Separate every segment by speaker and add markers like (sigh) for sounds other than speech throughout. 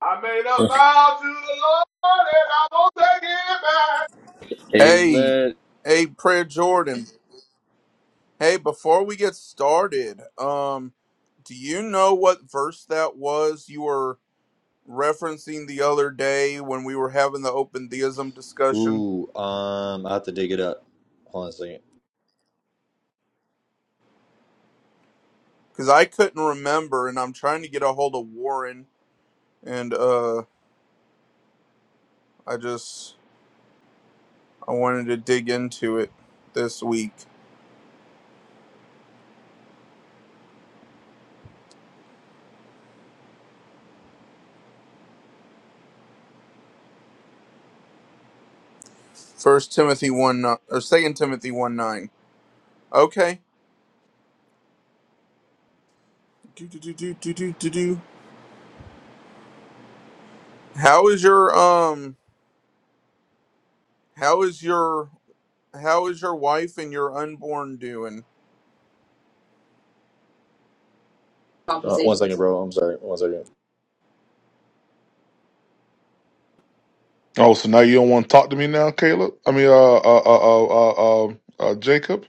Speaker 1: I made a vow to the Lord and I won't take it back.
Speaker 2: Hey,
Speaker 3: Abelet.
Speaker 2: hey, Prayer Jordan. Hey, before we get started, um, do you know what verse that was you were referencing the other day when we were having the open theism discussion?
Speaker 3: Ooh, um, I have to dig it up. Hold on a second.
Speaker 2: Because I couldn't remember, and I'm trying to get a hold of Warren, and uh, I just I wanted to dig into it this week. First Timothy one ni- or Second Timothy one nine. Okay. Do do do do do do do. do. How is your um? How is your How is your wife and your unborn doing?
Speaker 3: Uh, one second, bro. I'm sorry. One second.
Speaker 1: Oh, so now you don't want to talk to me now, Caleb? I mean, uh, uh, uh, uh, uh, um, uh Jacob.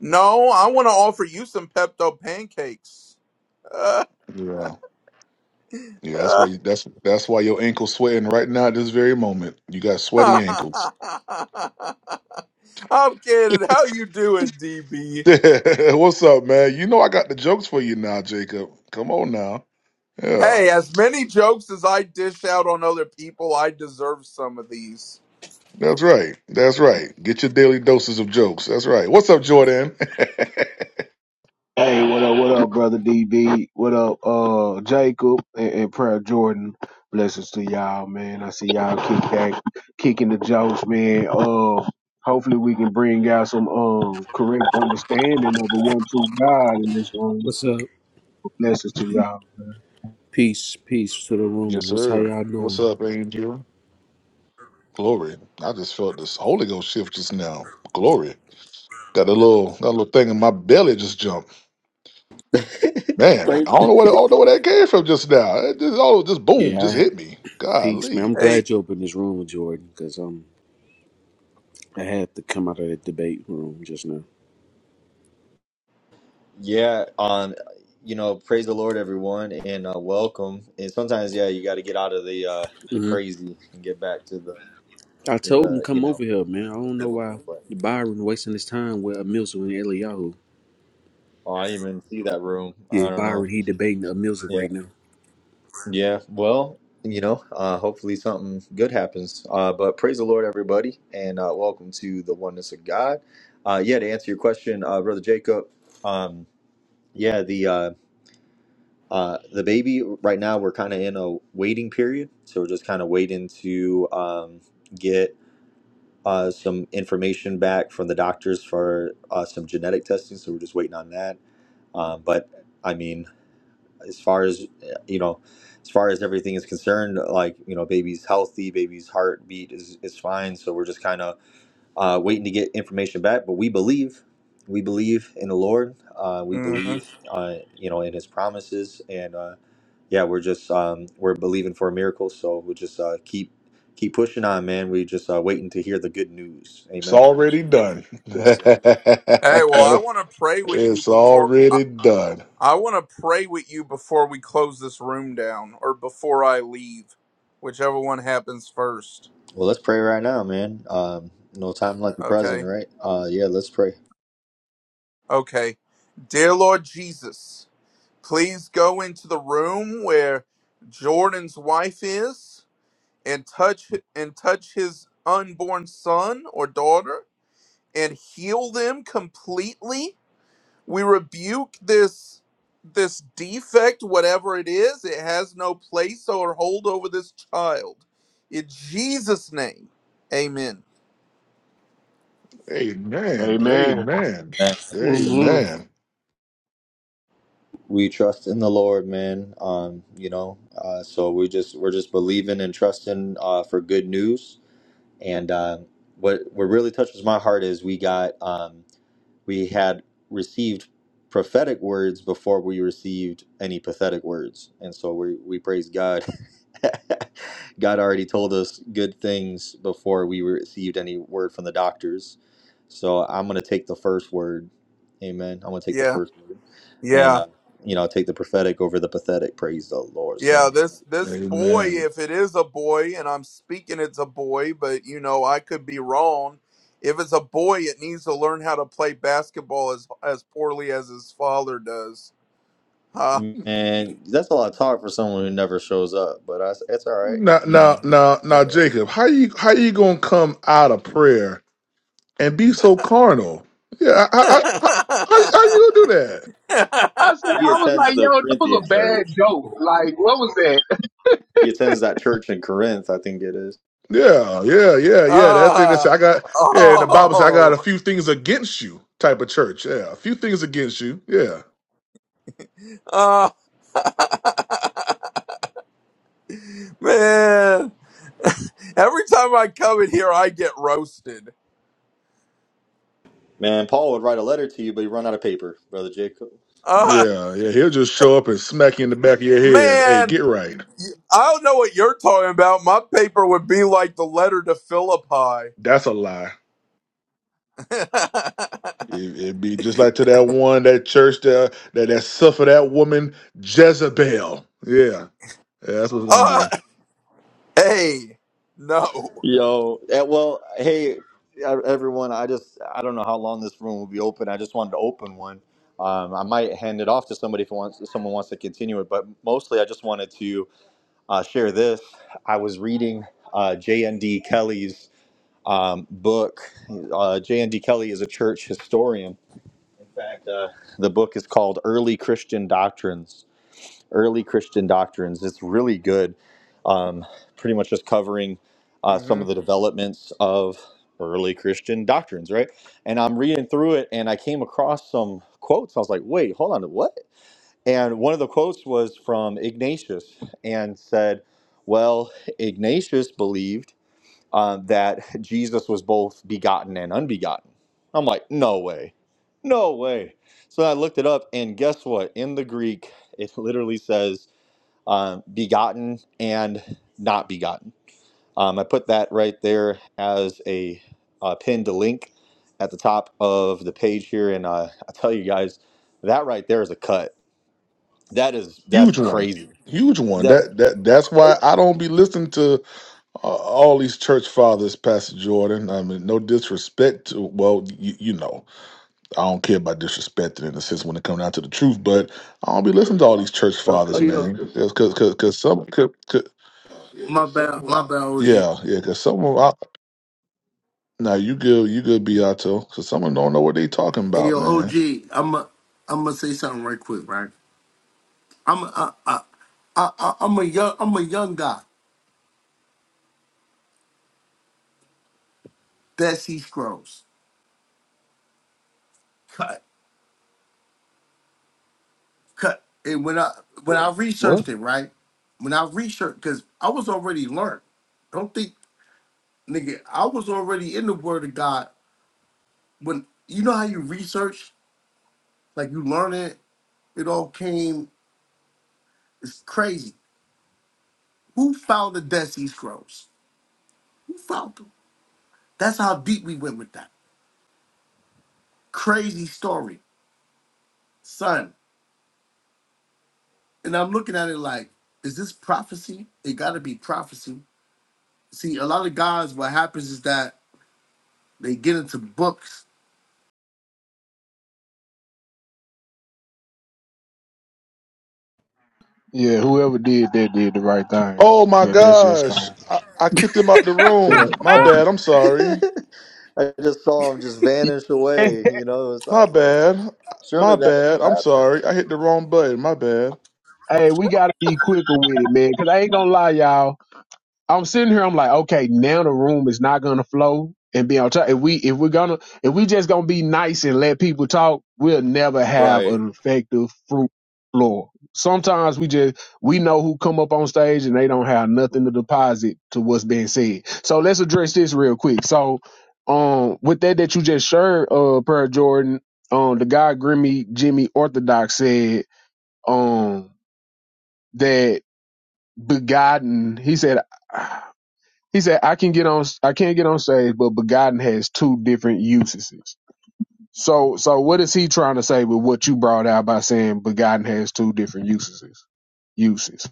Speaker 2: No, I want to offer you some Pepto pancakes. (laughs) I'm
Speaker 1: Yeah, yeah. That's why you. That's that's why your ankles sweating right now at this very moment. You got sweaty ankles.
Speaker 2: kidding. How you doing,
Speaker 1: (laughs)
Speaker 2: DB?
Speaker 1: What's up, man? You know I got the jokes for you now, Jacob. Come on now. Yeah,
Speaker 2: Hey, as many jokes as I dish out on other people, I deserve some of these.
Speaker 1: that's right. That's right. Get your daily doses of jokes. That's right. What's up, Jordan?
Speaker 4: Hey, what up, what up, brother DB? What up, uh, Jacob and, and Prayer Jordan? Blessings to y'all, man. I see y'all kick back, kicking the jokes, man. Uh, hopefully we can bring out some um correct understanding of the one true God in this room.
Speaker 5: What's up?
Speaker 4: Blessings to y'all.
Speaker 5: Peace, peace to the
Speaker 1: (laughs)
Speaker 5: room.
Speaker 1: yes,
Speaker 5: What's how
Speaker 1: sir.
Speaker 5: y'all
Speaker 1: What's
Speaker 5: doing?
Speaker 1: up, Angel? Glory. I just felt this Holy Ghost shift just now. Glory. Got a little got a little thing in my belly just jumped. Man, I
Speaker 3: Praise
Speaker 1: don't know where I don't know where that came from just now. It just all just boom,
Speaker 5: Yeah,
Speaker 1: just
Speaker 5: I,
Speaker 1: hit me.
Speaker 5: peace, man.
Speaker 1: Golly.
Speaker 5: I'm
Speaker 2: Hey,
Speaker 5: glad you opened this room, Jordan, because um, I had to come out of the debate room just now.
Speaker 3: Yeah. Um, you know, praise the Lord, everyone, and uh, welcome. And sometimes, yeah, you got to get out of the uh, the
Speaker 5: hmm
Speaker 3: crazy and get back to the
Speaker 5: I told him
Speaker 3: the you
Speaker 5: come over
Speaker 3: know
Speaker 5: here, man. I
Speaker 3: the
Speaker 5: don't know why
Speaker 3: biblical. But
Speaker 5: Byron wasting his time with Amilza and Eliyahu.
Speaker 3: oh, I didn't even see that room. I
Speaker 5: Yeah,
Speaker 3: don't know.
Speaker 5: Byron, he debating Amilza
Speaker 3: Yeah.
Speaker 5: right now.
Speaker 3: Yeah, well, you know, uh, hopefully something good happens. Uh, but praise the Lord, everybody, and uh, welcome to the oneness of God. Uh, yeah, to answer your question, uh, brother Jacob, um, yeah, the uh, uh, the baby right now we're kind of in a waiting period, so we're just kind of waiting to um, get uh, some information back from the doctors for uh, some genetic testing. So we're just waiting on that. Um, but I mean as far as uh, you know as far as everything is concerned like you know baby's healthy baby's heartbeat is, is fine so we're just kind of uh, waiting to get information back but we believe we believe in the lord uh, we
Speaker 2: mhm.
Speaker 3: believe uh, you know in his promises and uh, yeah we're just um, we're believing for a miracle so we just uh, keep keep pushing on man we just uh, waiting to hear the good news
Speaker 1: It's
Speaker 3: amen
Speaker 1: already done. (laughs)
Speaker 3: Yes, sir.
Speaker 2: hey. Well, I
Speaker 1: it's
Speaker 2: want to pray with you before I,
Speaker 1: already done.
Speaker 2: I want to pray with you before we close this room down, or before I leave, whichever one happens first.
Speaker 3: well let's pray right now man um, no time like the present
Speaker 2: Okay.
Speaker 3: right uh, yeah let's pray
Speaker 2: Okay. Dear Lord Jesus, please go into the room where Jordan's wife is and touch and touch his unborn son or daughter and heal them completely. We rebuke this this defect whatever it is. It has no place or hold over this child. In Jesus name. Amen.
Speaker 1: Amen.
Speaker 4: Amen.
Speaker 1: Amen.
Speaker 3: man thank you for that.
Speaker 5: Mhm.
Speaker 1: Amen.
Speaker 3: we trust in the Lord, man. Um, you know, uh, so we just we're just believing and trusting uh, for good news. And uh, what what really touches my heart is we got um, we had received prophetic words before we received any pathetic words, and so we we praise God (laughs) (laughs) God already told us good things before we received any word from the doctors. So I'm going to take the first word. Amen. I'm going to take the
Speaker 2: Yeah.
Speaker 3: first word. And,
Speaker 2: Yeah.
Speaker 3: uh, you know, take the prophetic over the pathetic. Praise the Lord.
Speaker 2: Yeah,
Speaker 3: So,
Speaker 2: this this boy,
Speaker 1: Amen.
Speaker 2: if it is a boy, and I'm speaking it's a boy, but you know I could be wrong. If it's a boy, it needs to learn how to play basketball as as poorly as his father does. Huh?
Speaker 3: man, that's a lot of talk for someone who never shows up, but I, it's all right.
Speaker 1: Now
Speaker 3: You
Speaker 1: now
Speaker 3: know,
Speaker 1: now now
Speaker 3: it's all right.
Speaker 1: Jacob, how you how you gonna come out of prayer and be so carnal. Yeah, I, I, I, how, how
Speaker 2: (laughs)
Speaker 1: you gonna do that?
Speaker 4: I said,
Speaker 3: he
Speaker 4: I was like,
Speaker 3: attends the
Speaker 4: yo, that was
Speaker 3: Corinthian
Speaker 4: a bad
Speaker 3: church.
Speaker 4: joke. Like, what was that?
Speaker 3: He attends that church in Corinth, I think it is.
Speaker 1: Yeah, yeah, yeah, yeah. That thing that's
Speaker 2: Ah,
Speaker 1: I got. Yeah, and the Bible says I got a
Speaker 2: oh,
Speaker 1: few things against you. Type of church. Yeah, a few things against you. Yeah,
Speaker 2: ah, man! (laughs) Every time I come in here, I get roasted.
Speaker 3: Man, Paul would write a letter to you, but he run out of paper, brother Jacob.
Speaker 2: Ah.
Speaker 1: yeah, yeah. He'll just show up and smack you in the back of your head. Hey, get
Speaker 2: Man,
Speaker 1: right.
Speaker 2: I don't know what you're talking about. My paper would be like the letter to Philippi.
Speaker 1: That's a lie.
Speaker 2: (laughs)
Speaker 1: It, it'd be just like to that one that church that that that suffered that woman Jezebel. Yeah, yeah that's what's gonna
Speaker 2: uh,
Speaker 1: be
Speaker 2: hey, no.
Speaker 3: Yo, eh, well, hey e- everyone. I just I don't know how long this room will be open. I just wanted to open one. Um, I might hand it off to somebody if, it wants, if someone wants to continue it. But mostly, I just wanted to uh, share this. I was reading uh, J.N.D. Kelly's um, book. Uh, J.N.D. Kelly is a church historian. In fact, uh, the book is called "Early Christian Doctrines." early Christian doctrines. It's really good, um, pretty much just covering uh, some
Speaker 2: hmm
Speaker 3: of the developments of early Christian doctrines, right? And I'm reading through it and I came across some quotes. I was like, wait, hold on, what? And one of the quotes was from Ignatius and said, well, Ignatius believed uh, that Jesus was both begotten and unbegotten. I'm like, no way. No way. So I looked it up, and guess what? In the Greek, it literally says um, begotten and not begotten. Um, I put that right there as a uh, pinned link at the top of the page here, and uh, I tell you guys, that right there is a cut. That is that's
Speaker 1: huge one,
Speaker 3: crazy.
Speaker 1: huge one.
Speaker 3: That's
Speaker 1: That that that's why I don't be listening to Uh, all these church fathers, Pastor Jordan. I mean, no disrespect. To, well, you, you know, I don't care about disrespecting in a sense when it comes down to the truth. But I don't be listening to all
Speaker 6: Yo,
Speaker 1: these church
Speaker 6: oh,
Speaker 1: fathers,
Speaker 6: yo,
Speaker 1: man. Because, because, because some, could, could,
Speaker 6: my bad, my bad, OG.
Speaker 1: yeah, yeah. Because some of I, now you good, you good, Beato. Because some of them don't know what they talking
Speaker 6: Hey,
Speaker 1: about,
Speaker 6: yo, OG,
Speaker 1: man.
Speaker 6: I'm a, I'm gonna say something right quick, right? I'm a, I, I, I, I'm a young, I'm a young guy that sees scrolls. Cut, cut. And when I when I
Speaker 4: What?
Speaker 6: researched it, right? When I researched, cause I was already learned. Don't think, nigga, I was already in the Word of God. When you know how you research, like you learn it, it all came. It's crazy. Who found the Dead Sea Scrolls? Who found them? That's how deep we went with that. Crazy story, son. And I'm looking at it like, is this prophecy? It got to be prophecy. See, a lot of guys, what happens is that they get into books
Speaker 4: Yeah, whoever did that did the right thing.
Speaker 1: Oh my
Speaker 4: Yeah, that's just
Speaker 1: gosh,
Speaker 4: um,
Speaker 1: I, I kicked him out the room. My
Speaker 4: yeah,
Speaker 1: bad. I'm
Speaker 3: (laughs)
Speaker 1: sorry.
Speaker 3: I just saw him just vanish
Speaker 4: that- (laughs)
Speaker 3: away. You know, I was I
Speaker 1: My
Speaker 3: was like,
Speaker 1: bad. My
Speaker 3: surely that ain't the
Speaker 1: bad. I'm
Speaker 3: rapture,
Speaker 1: sorry. I hit the wrong button. My bad.
Speaker 4: Hey, we gotta be quicker with it, man. Cause I ain't gonna lie, y'all. I'm sitting here. I'm like, okay, now the room is not gonna flow and be on top. If we if we're gonna if we just gonna be nice and let people talk, we'll never have
Speaker 3: right?
Speaker 4: an effective fruit floor. Sometimes we just we know who come up on stage and they don't have nothing to deposit to what's being said. So let's address this real quick. So, um, with that that you just shared, uh, Per Jordan, um, the guy Grimmy Jimmy Orthodox said, um. That begotten he said he said i can get on i can't get on stage but begotten has two different usages so so what is he trying to say with what you brought out by saying begotten has two different usages uses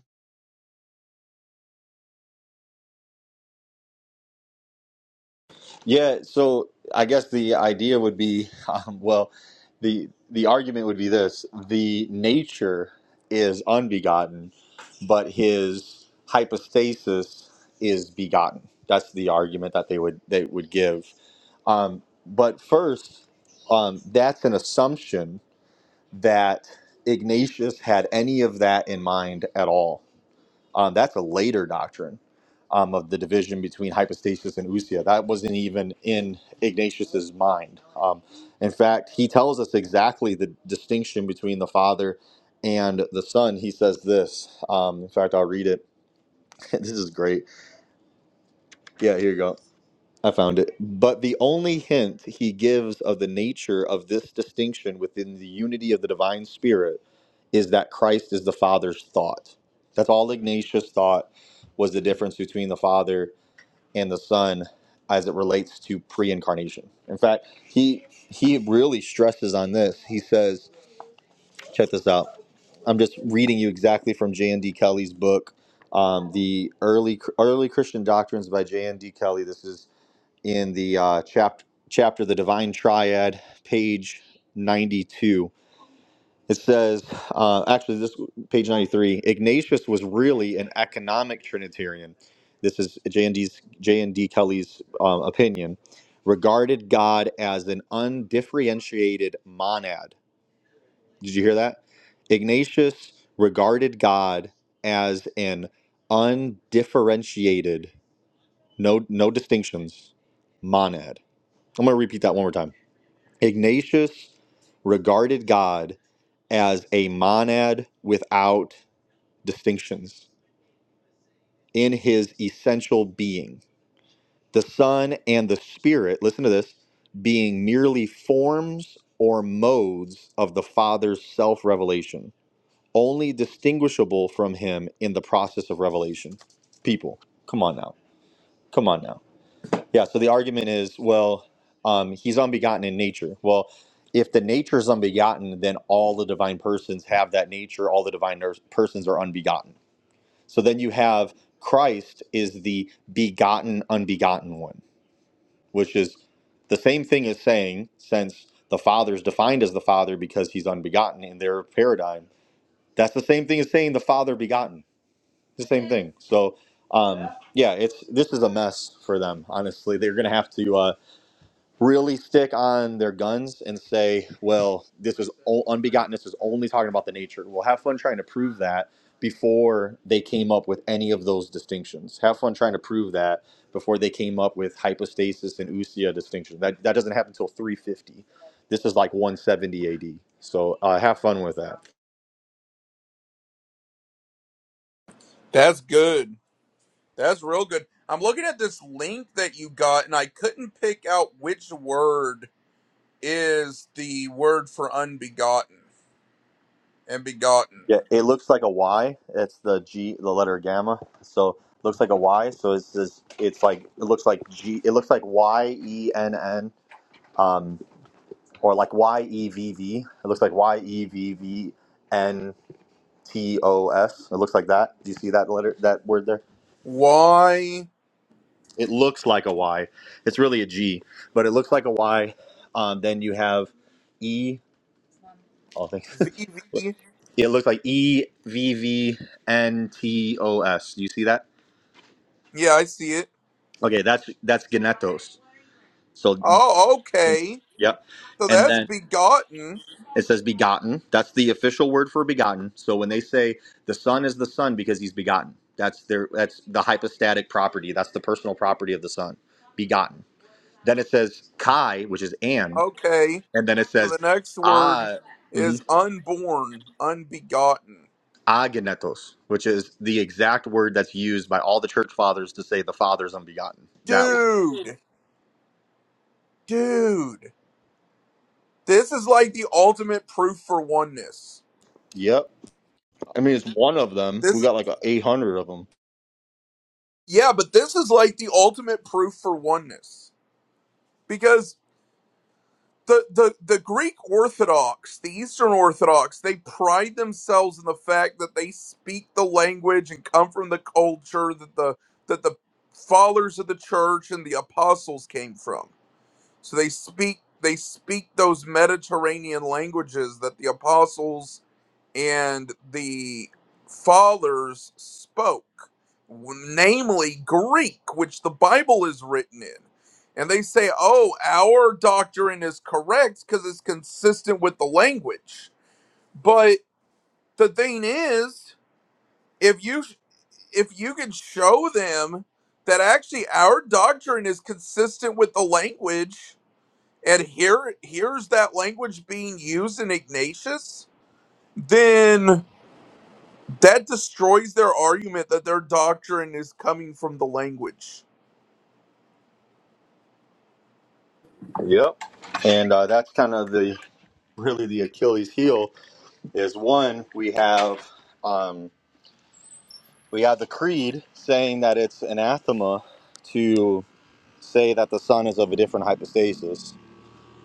Speaker 3: Yeah, so I guess the idea would be, (laughs) um, well, the the argument would be this: the nature is unbegotten, but his hypostasis is begotten. That's the argument that they would they would give. Um, but first, um, that's an assumption that Ignatius had any of that in mind at all. Um, that's a later doctrine um, of the division between hypostasis and ousia. That wasn't even in Ignatius's mind. Um, in fact, he tells us exactly the distinction between the Father and the Son. He says this. Um, in fact, I'll read it. (laughs) this is great. Yeah, here you go. I found it. But the only hint he gives of the nature of this distinction within the unity of the divine spirit is that Christ is the Father's thought. That's all Ignatius thought was the difference between the Father and the Son as it relates to pre-incarnation. In fact, he he really stresses on this. He says, check this out. I'm just reading you exactly from J.N.D. Kelly's book, um, the early early Christian doctrines by J.N.D. Kelly. This is in the uh, chapter chapter the divine triad page 92 it says uh, actually this page 93 ignatius was really an economic trinitarian this is j&d's j&d kelly's um, opinion regarded god as an undifferentiated monad did you hear that ignatius regarded god as an undifferentiated no no distinctions monad I'm going to repeat that one more time. Ignatius regarded God as a monad without distinctions in his essential being. The Son and the Spirit, listen to this, being merely forms or modes of the Father's self revelation, only distinguishable from him in the process of revelation. People, come on now. Come on now. Yeah, so the argument is, well, um, he's unbegotten in nature. Well, if the nature is unbegotten, then all the divine persons have that nature. All the divine nurse- persons are unbegotten. So then you have Christ is the begotten, unbegotten one, which is the same thing as saying, since the Father is defined as the Father because he's unbegotten in their paradigm, that's the same thing as saying the Father begotten. It's The same thing. So, um, yeah, it's this is a mess for them. Honestly, they're gonna have to. Uh, really stick on their guns and say, well, this is o- unbegotten, this is only talking about the nature. Well, have fun trying to prove that before they came up with any of those distinctions. Have fun trying to prove that before they came up with hypostasis and ousia distinction. That, that doesn't happen until 350. This is like 170 AD. So uh, have fun with that.
Speaker 2: That's good. That's real good. I'm looking at this link that you got, and I couldn't pick out which word is the word for unbegotten and begotten.
Speaker 3: Yeah, it looks like a Y. It's the G, the letter gamma. So looks like a Y. So it's it's, it's like it looks like G. It looks like Y E N N. or like Y E V V. It looks like Y E V V N T O S. It looks like that. Do you see that letter, that word there?
Speaker 2: Y
Speaker 3: It looks like a Y. It's really a G, but it looks like a Y. Um, then you have E. Oh, thanks.
Speaker 2: V V.
Speaker 3: (laughs) it looks like E V V N T O S. Do you see that?
Speaker 2: Yeah, I see it.
Speaker 3: Okay, that's that's genetos. So,
Speaker 2: Oh, okay.
Speaker 3: yep.
Speaker 2: So
Speaker 3: And
Speaker 2: that's
Speaker 3: then
Speaker 2: begotten.
Speaker 3: It says begotten. That's the official word for begotten. So when they say the son is the son because he's begotten, that's their that's the hypostatic property. That's the personal property of the son, begotten. Then it says kai, which is and,
Speaker 2: Okay.
Speaker 3: and then it
Speaker 2: So
Speaker 3: says
Speaker 2: the next word
Speaker 3: a
Speaker 2: is
Speaker 3: mhm,
Speaker 2: unborn, unbegotten.
Speaker 3: agenetos, which is the exact word that's used by all the church fathers to say the father's unbegotten. That word.
Speaker 2: Dude, dude, this is like the ultimate proof for oneness.
Speaker 3: Yep. I mean, it's one of them.
Speaker 2: This
Speaker 3: We
Speaker 2: is
Speaker 3: got like eight hundred of them.
Speaker 2: yeah, but this is like the ultimate proof for oneness because the the the Greek Orthodox, the Eastern Orthodox, they pride themselves in the fact that they speak the language and come from the culture that the that the fathers of the church and the apostles came from So they speak they speak those Mediterranean languages that the apostles and the fathers spoke, namely Greek, which the Bible is written in. And they say, "Oh, our doctrine is correct because it's consistent with the language." But the thing is, if you if you can show them that actually our doctrine is consistent with the language and here here's that language being used in Ignatius, then that destroys their argument that their doctrine is coming from the language.
Speaker 3: Yep. And uh, that's kind of the really the Achilles heel is one we have um, we have the creed saying that it's anathema to say that the son is of a different hypostasis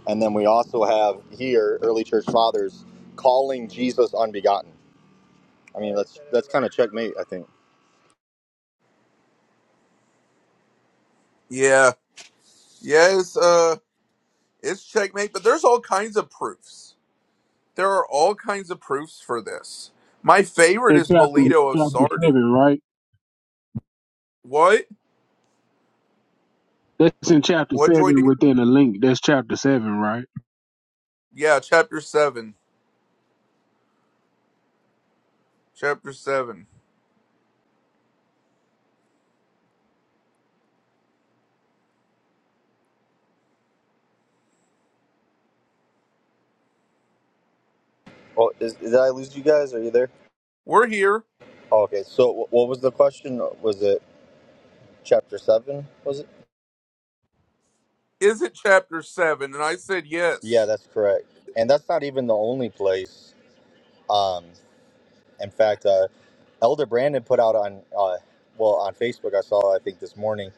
Speaker 3: and then we also have here early church fathers calling jesus unbegotten i mean that's that's kind of checkmate i think
Speaker 2: Yeah. Yes, uh it's checkmate, but there's all kinds of proofs. There are all kinds of proofs for this. My favorite
Speaker 4: In
Speaker 2: is
Speaker 4: chapter
Speaker 2: Melito of
Speaker 4: chapter
Speaker 2: Sardis.
Speaker 4: seven, right?
Speaker 2: What?
Speaker 4: That's in chapter
Speaker 2: What Joy
Speaker 4: seven
Speaker 2: Dan?
Speaker 4: within a link. That's chapter seven, right?
Speaker 2: Yeah, chapter seven. Chapter seven.
Speaker 3: well is, did i lose you guys are you there
Speaker 2: We're here.
Speaker 3: oh, okay so wh- what was the question was it chapter 7 was it
Speaker 2: Is it chapter seven? And I said
Speaker 3: yeah
Speaker 2: yes.
Speaker 3: that's correct and that's not even the only place Um, In fact, uh, Elder Brandon put out on uh, well on Facebook. I saw I think this morning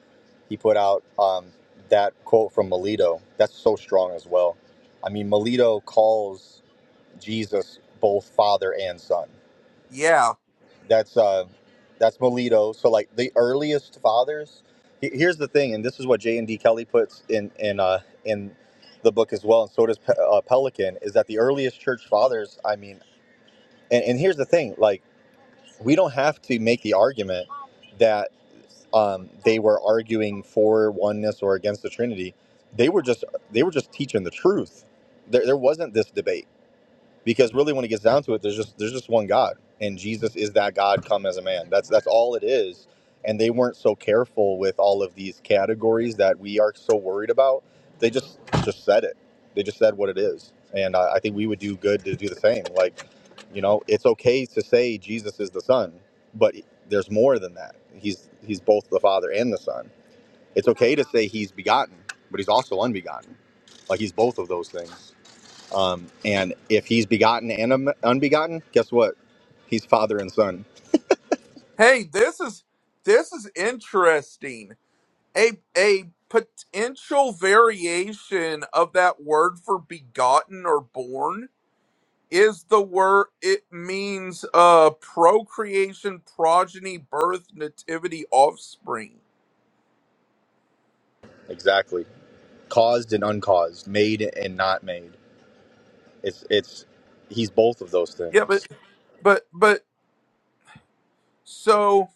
Speaker 3: he put out um, that quote from Melito. That's so strong as well. I mean, Melito calls Jesus both Father and Son.
Speaker 2: Yeah.
Speaker 3: That's uh, that's Melito. So like the earliest fathers. he- Here's the thing, and this is what J and D Kelly puts in in uh, in the book as well, and so does Pe- uh, Pelican. Is that the earliest church fathers? I mean, and, and here's the thing, like we don't have to make the argument that um, they were arguing for oneness or against the Trinity. They were just they were just teaching the truth. There, there wasn't this debate because really when it gets down to it there's just there's just one god and jesus is that god come as a man that's that's all it is and they weren't so careful with all of these categories that we are so worried about they just just said it they just said what it is and i, I think we would do good to do the same like you know it's okay to say jesus is the son but there's more than that he's he's both the father and the son it's okay to say he's begotten but he's also unbegotten like he's both of those things um, and if he's begotten and un- unbegotten, guess what? He's father and son.
Speaker 2: Hey, this is this is interesting. A a potential variation of that word for begotten or born is the word it means uh procreation, progeny, birth, nativity, offspring.
Speaker 3: Exactly. Caused and uncaused, made and not made. It's it's he's both of those
Speaker 2: Yeah, but
Speaker 3: things.
Speaker 2: but but so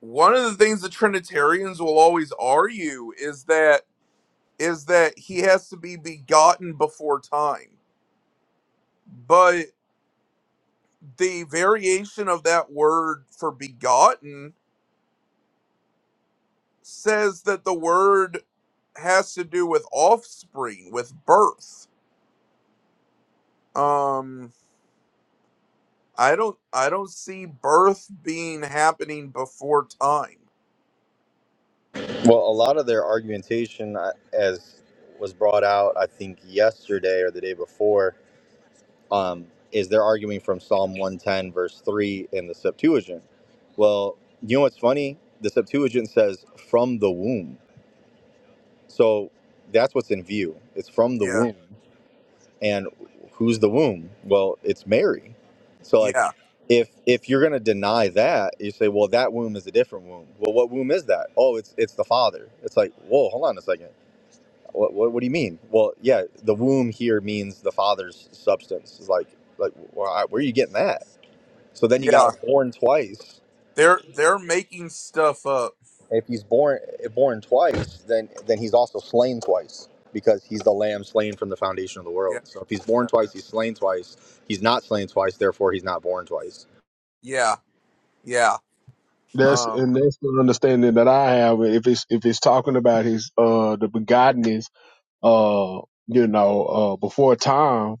Speaker 2: one of the things the Trinitarians will always argue is that is that he has to be begotten before time. but. the variation of that word for begotten says that the word has to do with offspring with birth um i don't i don't see birth being happening before time
Speaker 3: Well, a lot of their argumentation, uh, as was brought out, I think yesterday or the day before, um, is they're arguing from Psalm 110, verse three in the Septuagint. Well, you know what's funny? The Septuagint says from the womb, so that's what's in view. It's from the
Speaker 2: yeah
Speaker 3: womb. and who's the womb well it's mary so
Speaker 2: yeah
Speaker 3: like if if you're going to deny that you say well that womb is a different womb well what womb is that oh it's it's the father it's like whoa hold on a second what what, what do you mean well yeah the womb here means the father's substance it's like like wh- where are you getting that so then you got
Speaker 2: yeah
Speaker 3: it born twice
Speaker 2: they're they're making stuff up
Speaker 3: If he's born born twice, then then he's also slain twice because he's the lamb slain from the foundation of the world. So if he's born
Speaker 2: yeah
Speaker 3: twice, he's slain twice. He's not slain twice, therefore he's not born twice.
Speaker 2: yeah yeah
Speaker 4: that's
Speaker 2: um
Speaker 4: and that's the understanding that i have if it's if it's talking about his uh the begottenness uh you know uh before time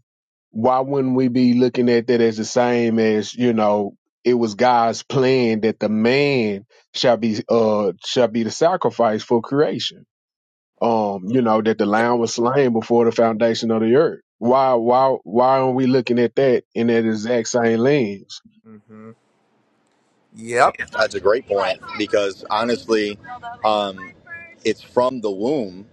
Speaker 4: why wouldn't we be looking at that as the same as you know it was God's plan that the man shall be uh shall be the sacrifice for creation. Um, you know that the
Speaker 2: yeah
Speaker 4: lamb was slain before the foundation of the earth. Why why why aren't we looking at that in that exact same lens?
Speaker 2: hmm yep
Speaker 3: That's a great point because honestly, um, it's from the womb.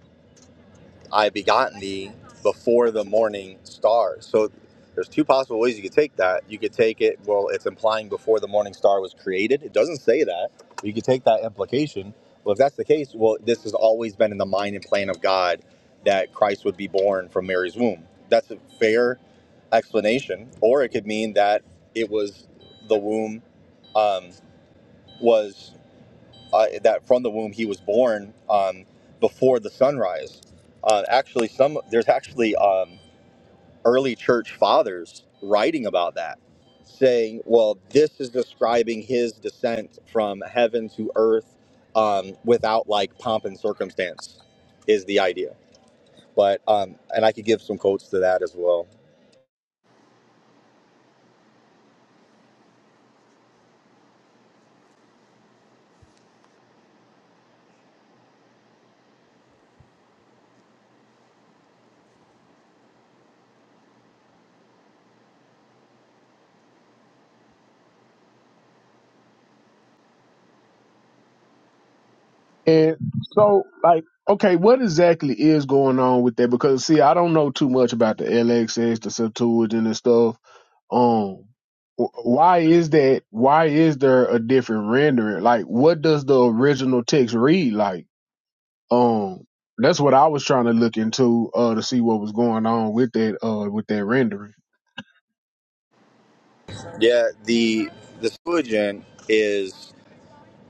Speaker 3: I begotten thee before the morning star. So there's two possible ways you could take that. You could take it, well, it's implying before the morning star was created. It doesn't say that. You could take that implication. Well, if that's the case, well, this has always been in the mind and plan of God that Christ would be born from Mary's womb. That's a fair explanation. Or it could mean that it was the womb um, was uh, that from the womb he was born um, before the sunrise. Uh, actually, some there's actually um, early church fathers writing about that, saying, "Well, this is describing his descent from heaven to earth um, without like pomp and circumstance," is the idea. But um, and I could give some quotes to that as well.
Speaker 4: And so, like, okay, what exactly is going on with that? Because see, I don't know too much about the LXs, the Septuagint and stuff. Um, wh- why is that? Why is there a different rendering? Like, what does the original text read like? Um, that's what I was trying to look into uh to see what was going on with that uh with that rendering.
Speaker 3: Yeah, the the Septuagint is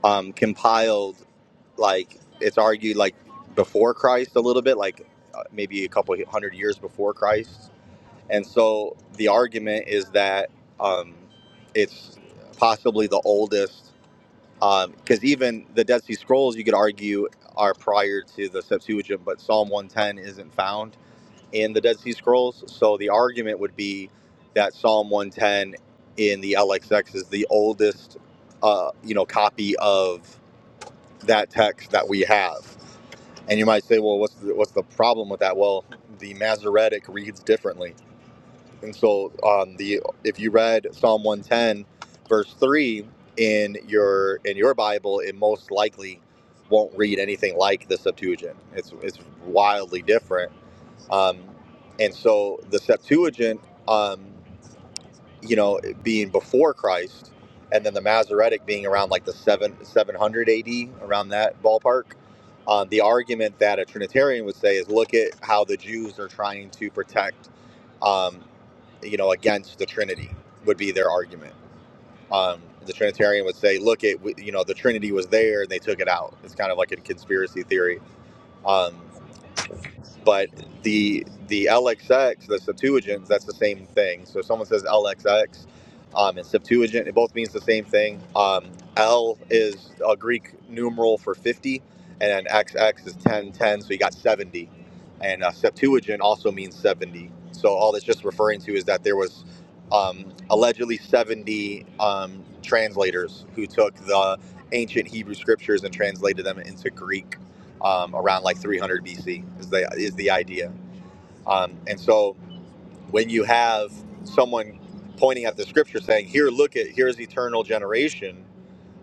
Speaker 3: um, compiled like it's argued like before Christ a little bit, like uh, maybe a couple hundred years before Christ. And so the argument is that um, it's possibly the oldest, because even the Dead Sea Scrolls, you could argue, are prior to the Septuagint, but Psalm 110 isn't found in the Dead Sea Scrolls. So the argument would be that Psalm 110 in the LXX is the oldest, uh, you know, copy of that text that we have and you might say, well, what's the, what's the problem with that? Well, the Masoretic reads differently. And so, um, the if you read Psalm 110, verse three in your in your Bible, it most likely won't read anything like the Septuagint. It's it's wildly different. Um, and so, the Septuagint. Um, you know, being before Christ, and then the Masoretic being around like the seven seven hundred A.D. around that ballpark. Um, the argument that a Trinitarian would say is, look at how the Jews are trying to protect, um, you know, against the Trinity would be their argument. Um, the Trinitarian would say, look at, you know, the Trinity was there and they took it out. It's kind of like a conspiracy theory. Um, but the the LXX, the Septuagint, that's the same thing. So if someone says LXX um, and Septuagint, it both means the same thing. Um, L is a Greek numeral for 50, and then XX is 10 10, so you got 70. And uh, Septuagint also means 70. So all that's just referring to is that there was um, allegedly 70 um, translators who took the ancient Hebrew scriptures and translated them into Greek um, around like 300 BC is the is the idea. Um, and so when you have someone pointing at the scripture saying, "Here, look at here's eternal generation."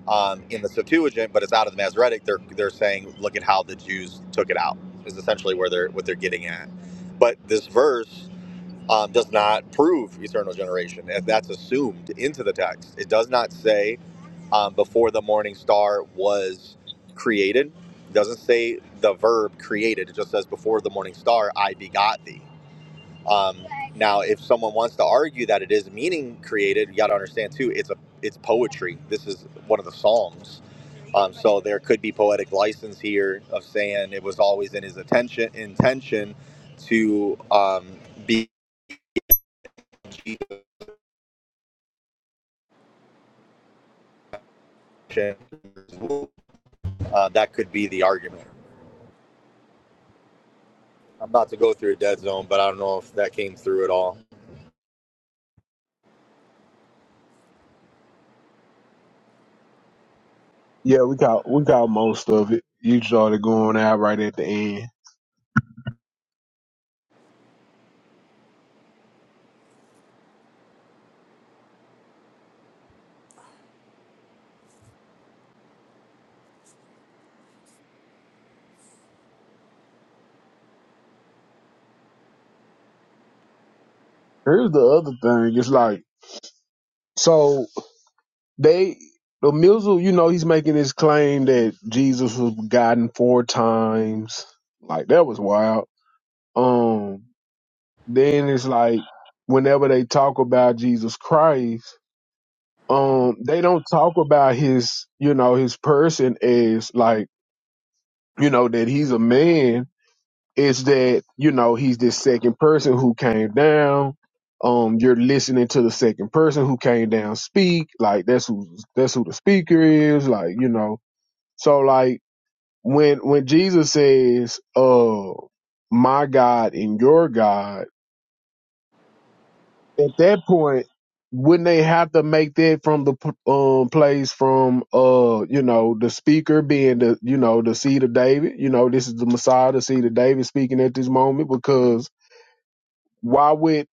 Speaker 3: Um, in the Septuagint, but it's out of the Masoretic. They're they're saying, "Look at how the Jews took it out." Is essentially where they're what they're getting at. But this verse um, does not prove eternal generation. That's assumed into the text. It does not say um, before the morning star was created. It doesn't say the verb created. It just says before the morning star, I begot thee. Um, now, if someone wants to argue that it is meaning created, you got to understand too. It's a it's poetry. This is one of the psalms. Um, so there could be poetic license here of saying it was always in his attention intention to um, be. Uh, that could be the argument. I'm about to go through a dead zone, but I don't know if that came through at all.
Speaker 4: Yeah, we got we got most of it. You started going out right at the end. Here's the other thing. It's like so. They the Mizzle, you know, he's making this claim that Jesus was begotten four times. Like that was wild. Um, then it's like whenever they talk about Jesus Christ, um, they don't talk about his, you know, his person as like, you know, that he's a man. It's that, you know, he's this second person who came down. Um, you're listening to the second person who came down speak. Like that's who that's who the speaker is. Like, you know, So like when when Jesus says, "Uh, my God and your God," at that point, wouldn't they have to make that from the p- um place from uh you know the speaker being the you know the seed of David? You know this is the Messiah, the seed of David speaking at this moment because why would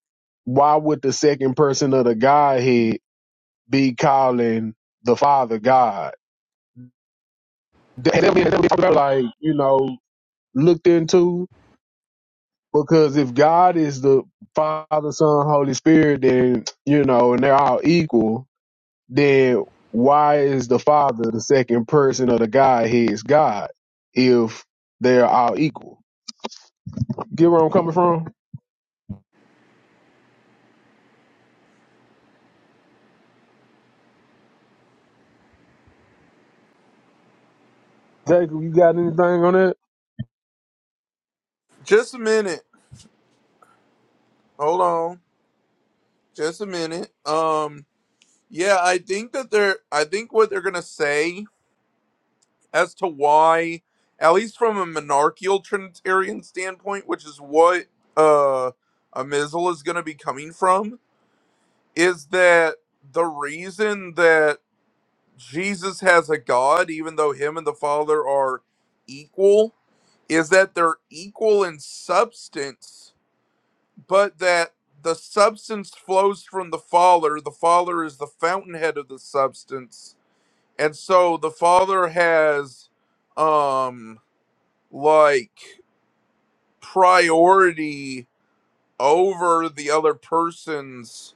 Speaker 4: why would the second person of the Godhead be calling the Father God? That- that- that- that, Like you know looked into. Because if God is the Father, Son, Holy Spirit, then you know, and they're all equal, then why is the Father the second person of the Godhead is God if they're all equal? Get where I'm coming from? Jacob, you got anything on that?
Speaker 2: just a minute hold on just a minute um yeah i think that they're i think what they're gonna say as to why, at least from a monarchical Trinitarian standpoint, which is what uh, a Mizzle is going to be coming from, is that the reason that Jesus has a God, even though him and the Father are equal, is that they're equal in substance, but that the substance flows from the Father. The Father is the fountainhead of the substance. And so the Father has um like priority over the other person's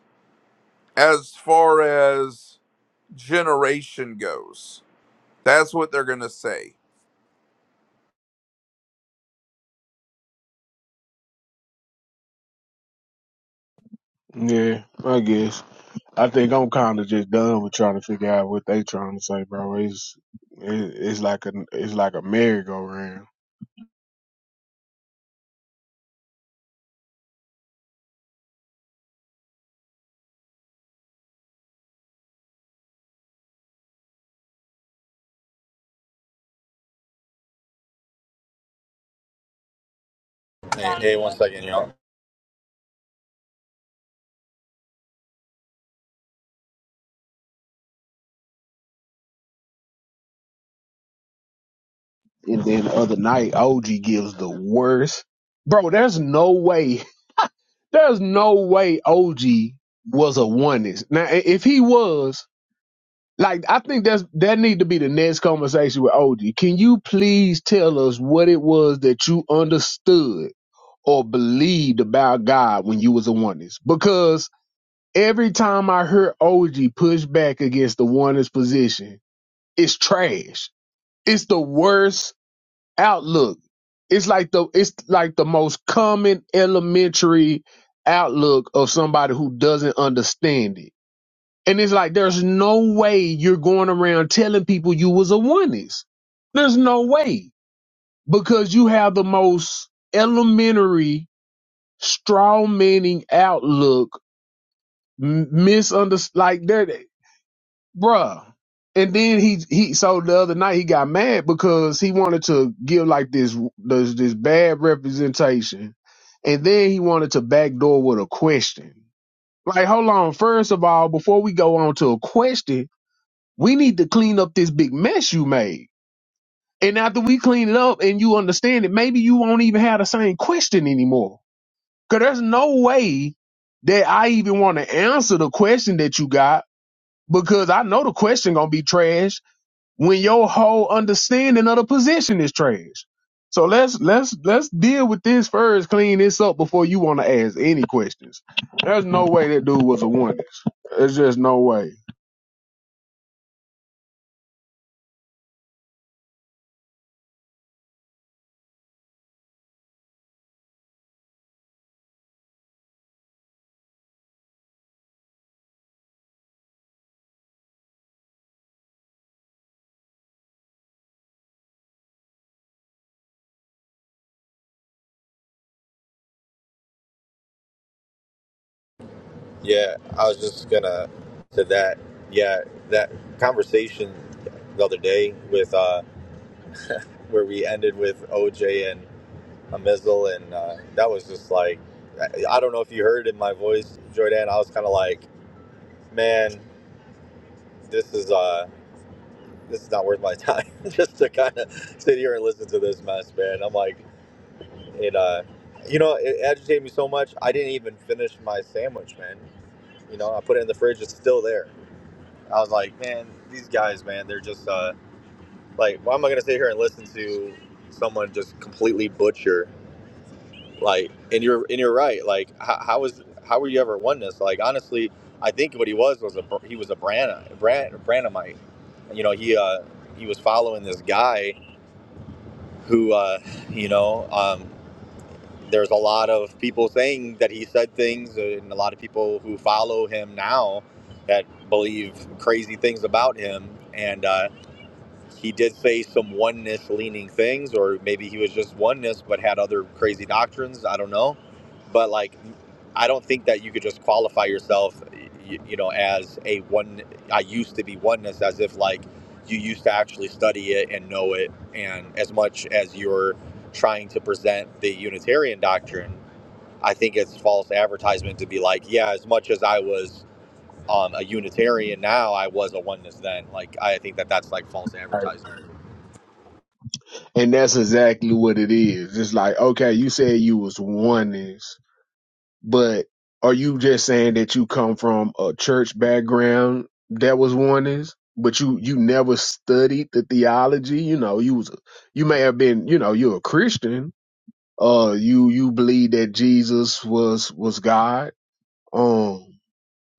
Speaker 2: as far as generation goes. That's what they're going to say.
Speaker 4: Yeah, I guess. I think I'm kind of just done with trying to figure out what they trying to say, bro. It's it, it's like a it's like a merry-go-round.
Speaker 3: Hey, hey one second, y'all.
Speaker 4: And then the other night, OG gives the worst. Bro, there's no way. There's no way OG was a oneness. Now, i- if he was, like, I think that's that need to be the next conversation with OG. Can you please tell us what it was that you understood or believed about God when you was a oneness? Because every time I hear OG push back against the oneness position, it's trash. It's the worst outlook. It's like the it's like the most common elementary outlook of somebody who doesn't understand it. And it's like there's no way you're going around telling people you was a oneness. There's no way because you have the most elementary straw manning outlook misunderstand like that bruh. And then he he so the other night he got mad because he wanted to give like this this, this bad representation, and then he wanted to backdoor with a question. Like, hold on. First of all, before we go on to a question, we need to clean up this big mess you made. And after we clean it up and you understand it, maybe you won't even have the same question anymore. Cause there's no way that I even want to answer the question that you got because I know the question gonna be trash when your whole understanding of the position is trash. So let's let's let's deal with this first, clean this up before you want to ask any questions. There's no way that dude was a one. There's just no way.
Speaker 3: Yeah, I was just gonna to that. Yeah, that conversation the other day with uh, where we ended with OJ and Amizel, and uh, that was just like, I I don't know if you heard in my voice, Jordan. I was kind of like, man, this is uh, this is not worth my time (laughs) just to kind of sit here and listen to this mess, man. I'm like. It uh, you know, it agitated me so much. I didn't even finish my sandwich, man. You know, I put it in the fridge. It's still there. I was like, man, these guys, man, they're just uh, like, why am I gonna sit here and listen to someone just completely butcher? Like, and you're and you're right. Like, how, how is how were you ever oneness? Like, honestly, I think what he was was a he was a branna Bran, Branamite. You know, he uh, he was following this guy who uh, you know. Um, there's a lot of people saying that he said things, uh, and a lot of people who follow him now that believe crazy things about him. And uh, he did say some oneness leaning things, or maybe he was just oneness but had other crazy doctrines. I don't know. But like, I don't think that you could just qualify yourself, you, you know, as a one. I used to be oneness, as if like you used to actually study it and know it, and as much as you're trying to present the Unitarian doctrine, I think it's false advertisement to be like, yeah, as much as I was um, a Unitarian now, I was a oneness then. Like, I think that that's like false
Speaker 4: Right.
Speaker 3: advertisement.
Speaker 4: And that's exactly what it is. It's like, okay, you said you was oneness, but are you just saying that you come from a church background that was oneness, but you you never studied the theology? You know, you was a, you may have been, you know, you're a Christian, Uh, you you believe that Jesus was was God. Um,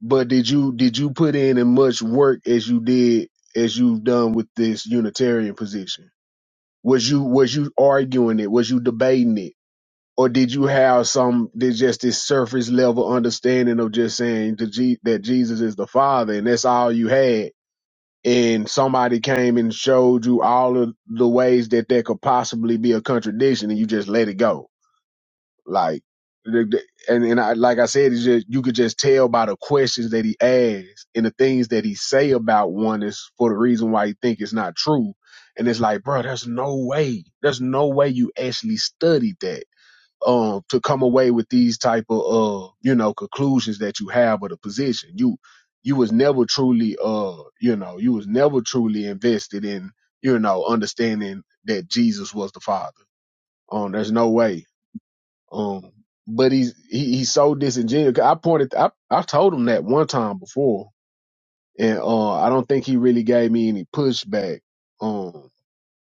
Speaker 4: but did you did you put in as much work as you did as you've done with this Unitarian position? Was you was you arguing it? Was you debating it? Or did you have some there's just this surface level understanding of just saying to G, that Jesus is the Father and that's all you had? and somebody came and showed you all of the ways that there could possibly be a contradiction and you just let it go. Like, the- the- and and I, like I said, it's just, you could just tell by the questions that he asks and the things that he say about one is for the reason why he think it's not true. And it's like, bro, there's no way, there's no way you actually studied that um to come away with these type of uh you know conclusions that you have of the position. You you was never truly uh you know you was never truly invested in you know understanding that Jesus was the Father. Um, there's no way. Um, but he's he, he's so disingenuous. 'Cause I pointed, I I told him that one time before, and uh, I don't think he really gave me any pushback. Um,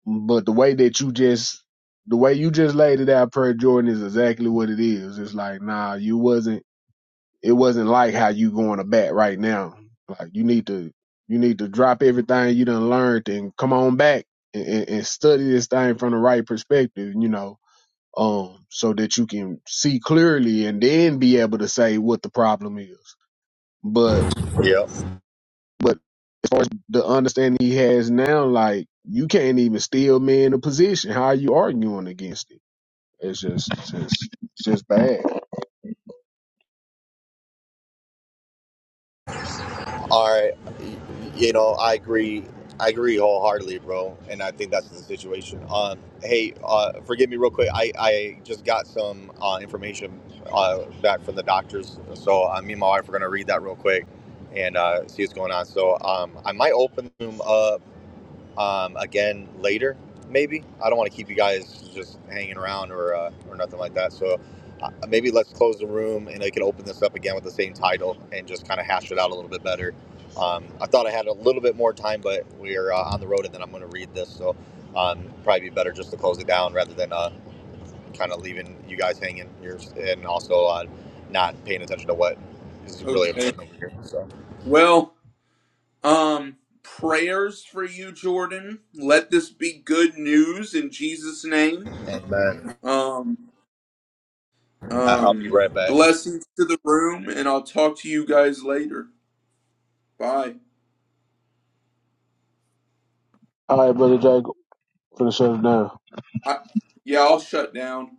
Speaker 4: but the way that you just the way you just laid it out, per Jordan, is exactly what it is. It's like, nah, you wasn't. It wasn't like how you going to bat right now. Like you need to you need to drop everything you done learned and come on back and, and, and study this thing from the right perspective. You know, um, so that you can see clearly and then be able to say what the problem is. But
Speaker 3: Yep.
Speaker 4: but as far as the understanding he has now, like you can't even steal me in a position. How are you arguing against it? It's just it's just it's just bad.
Speaker 3: All right. You know, I agree. I agree wholeheartedly, bro. And I think that's the situation. Um, hey, uh, forgive me real quick. I, I just got some uh, information uh, back from the doctors. So uh, me and my wife are going to read that real quick and uh, see what's going on. So um, I might open them up. um, again later, maybe. I don't want to keep you guys just hanging around or uh, or nothing like that. So uh, maybe let's close the room and I can open this up again with the same title and just kind of hash it out a little bit better. Um, I thought I had a little bit more time, but we're uh, on the road and then I'm going to read this. So um, probably be better just to close it down rather than uh, kind of leaving you guys hanging here and also uh, not paying attention to what is really
Speaker 2: Okay.
Speaker 3: important over here. So,
Speaker 2: Well, um, prayers for you, Jordan. Let this be good news in Jesus' name.
Speaker 3: and then
Speaker 2: Um,
Speaker 3: I'll be
Speaker 2: um,
Speaker 3: right back.
Speaker 2: blessings to the room, and I'll talk to you guys later. Bye.
Speaker 4: All right, brother Jacob, finna shut it down.
Speaker 2: I, yeah, I'll shut down.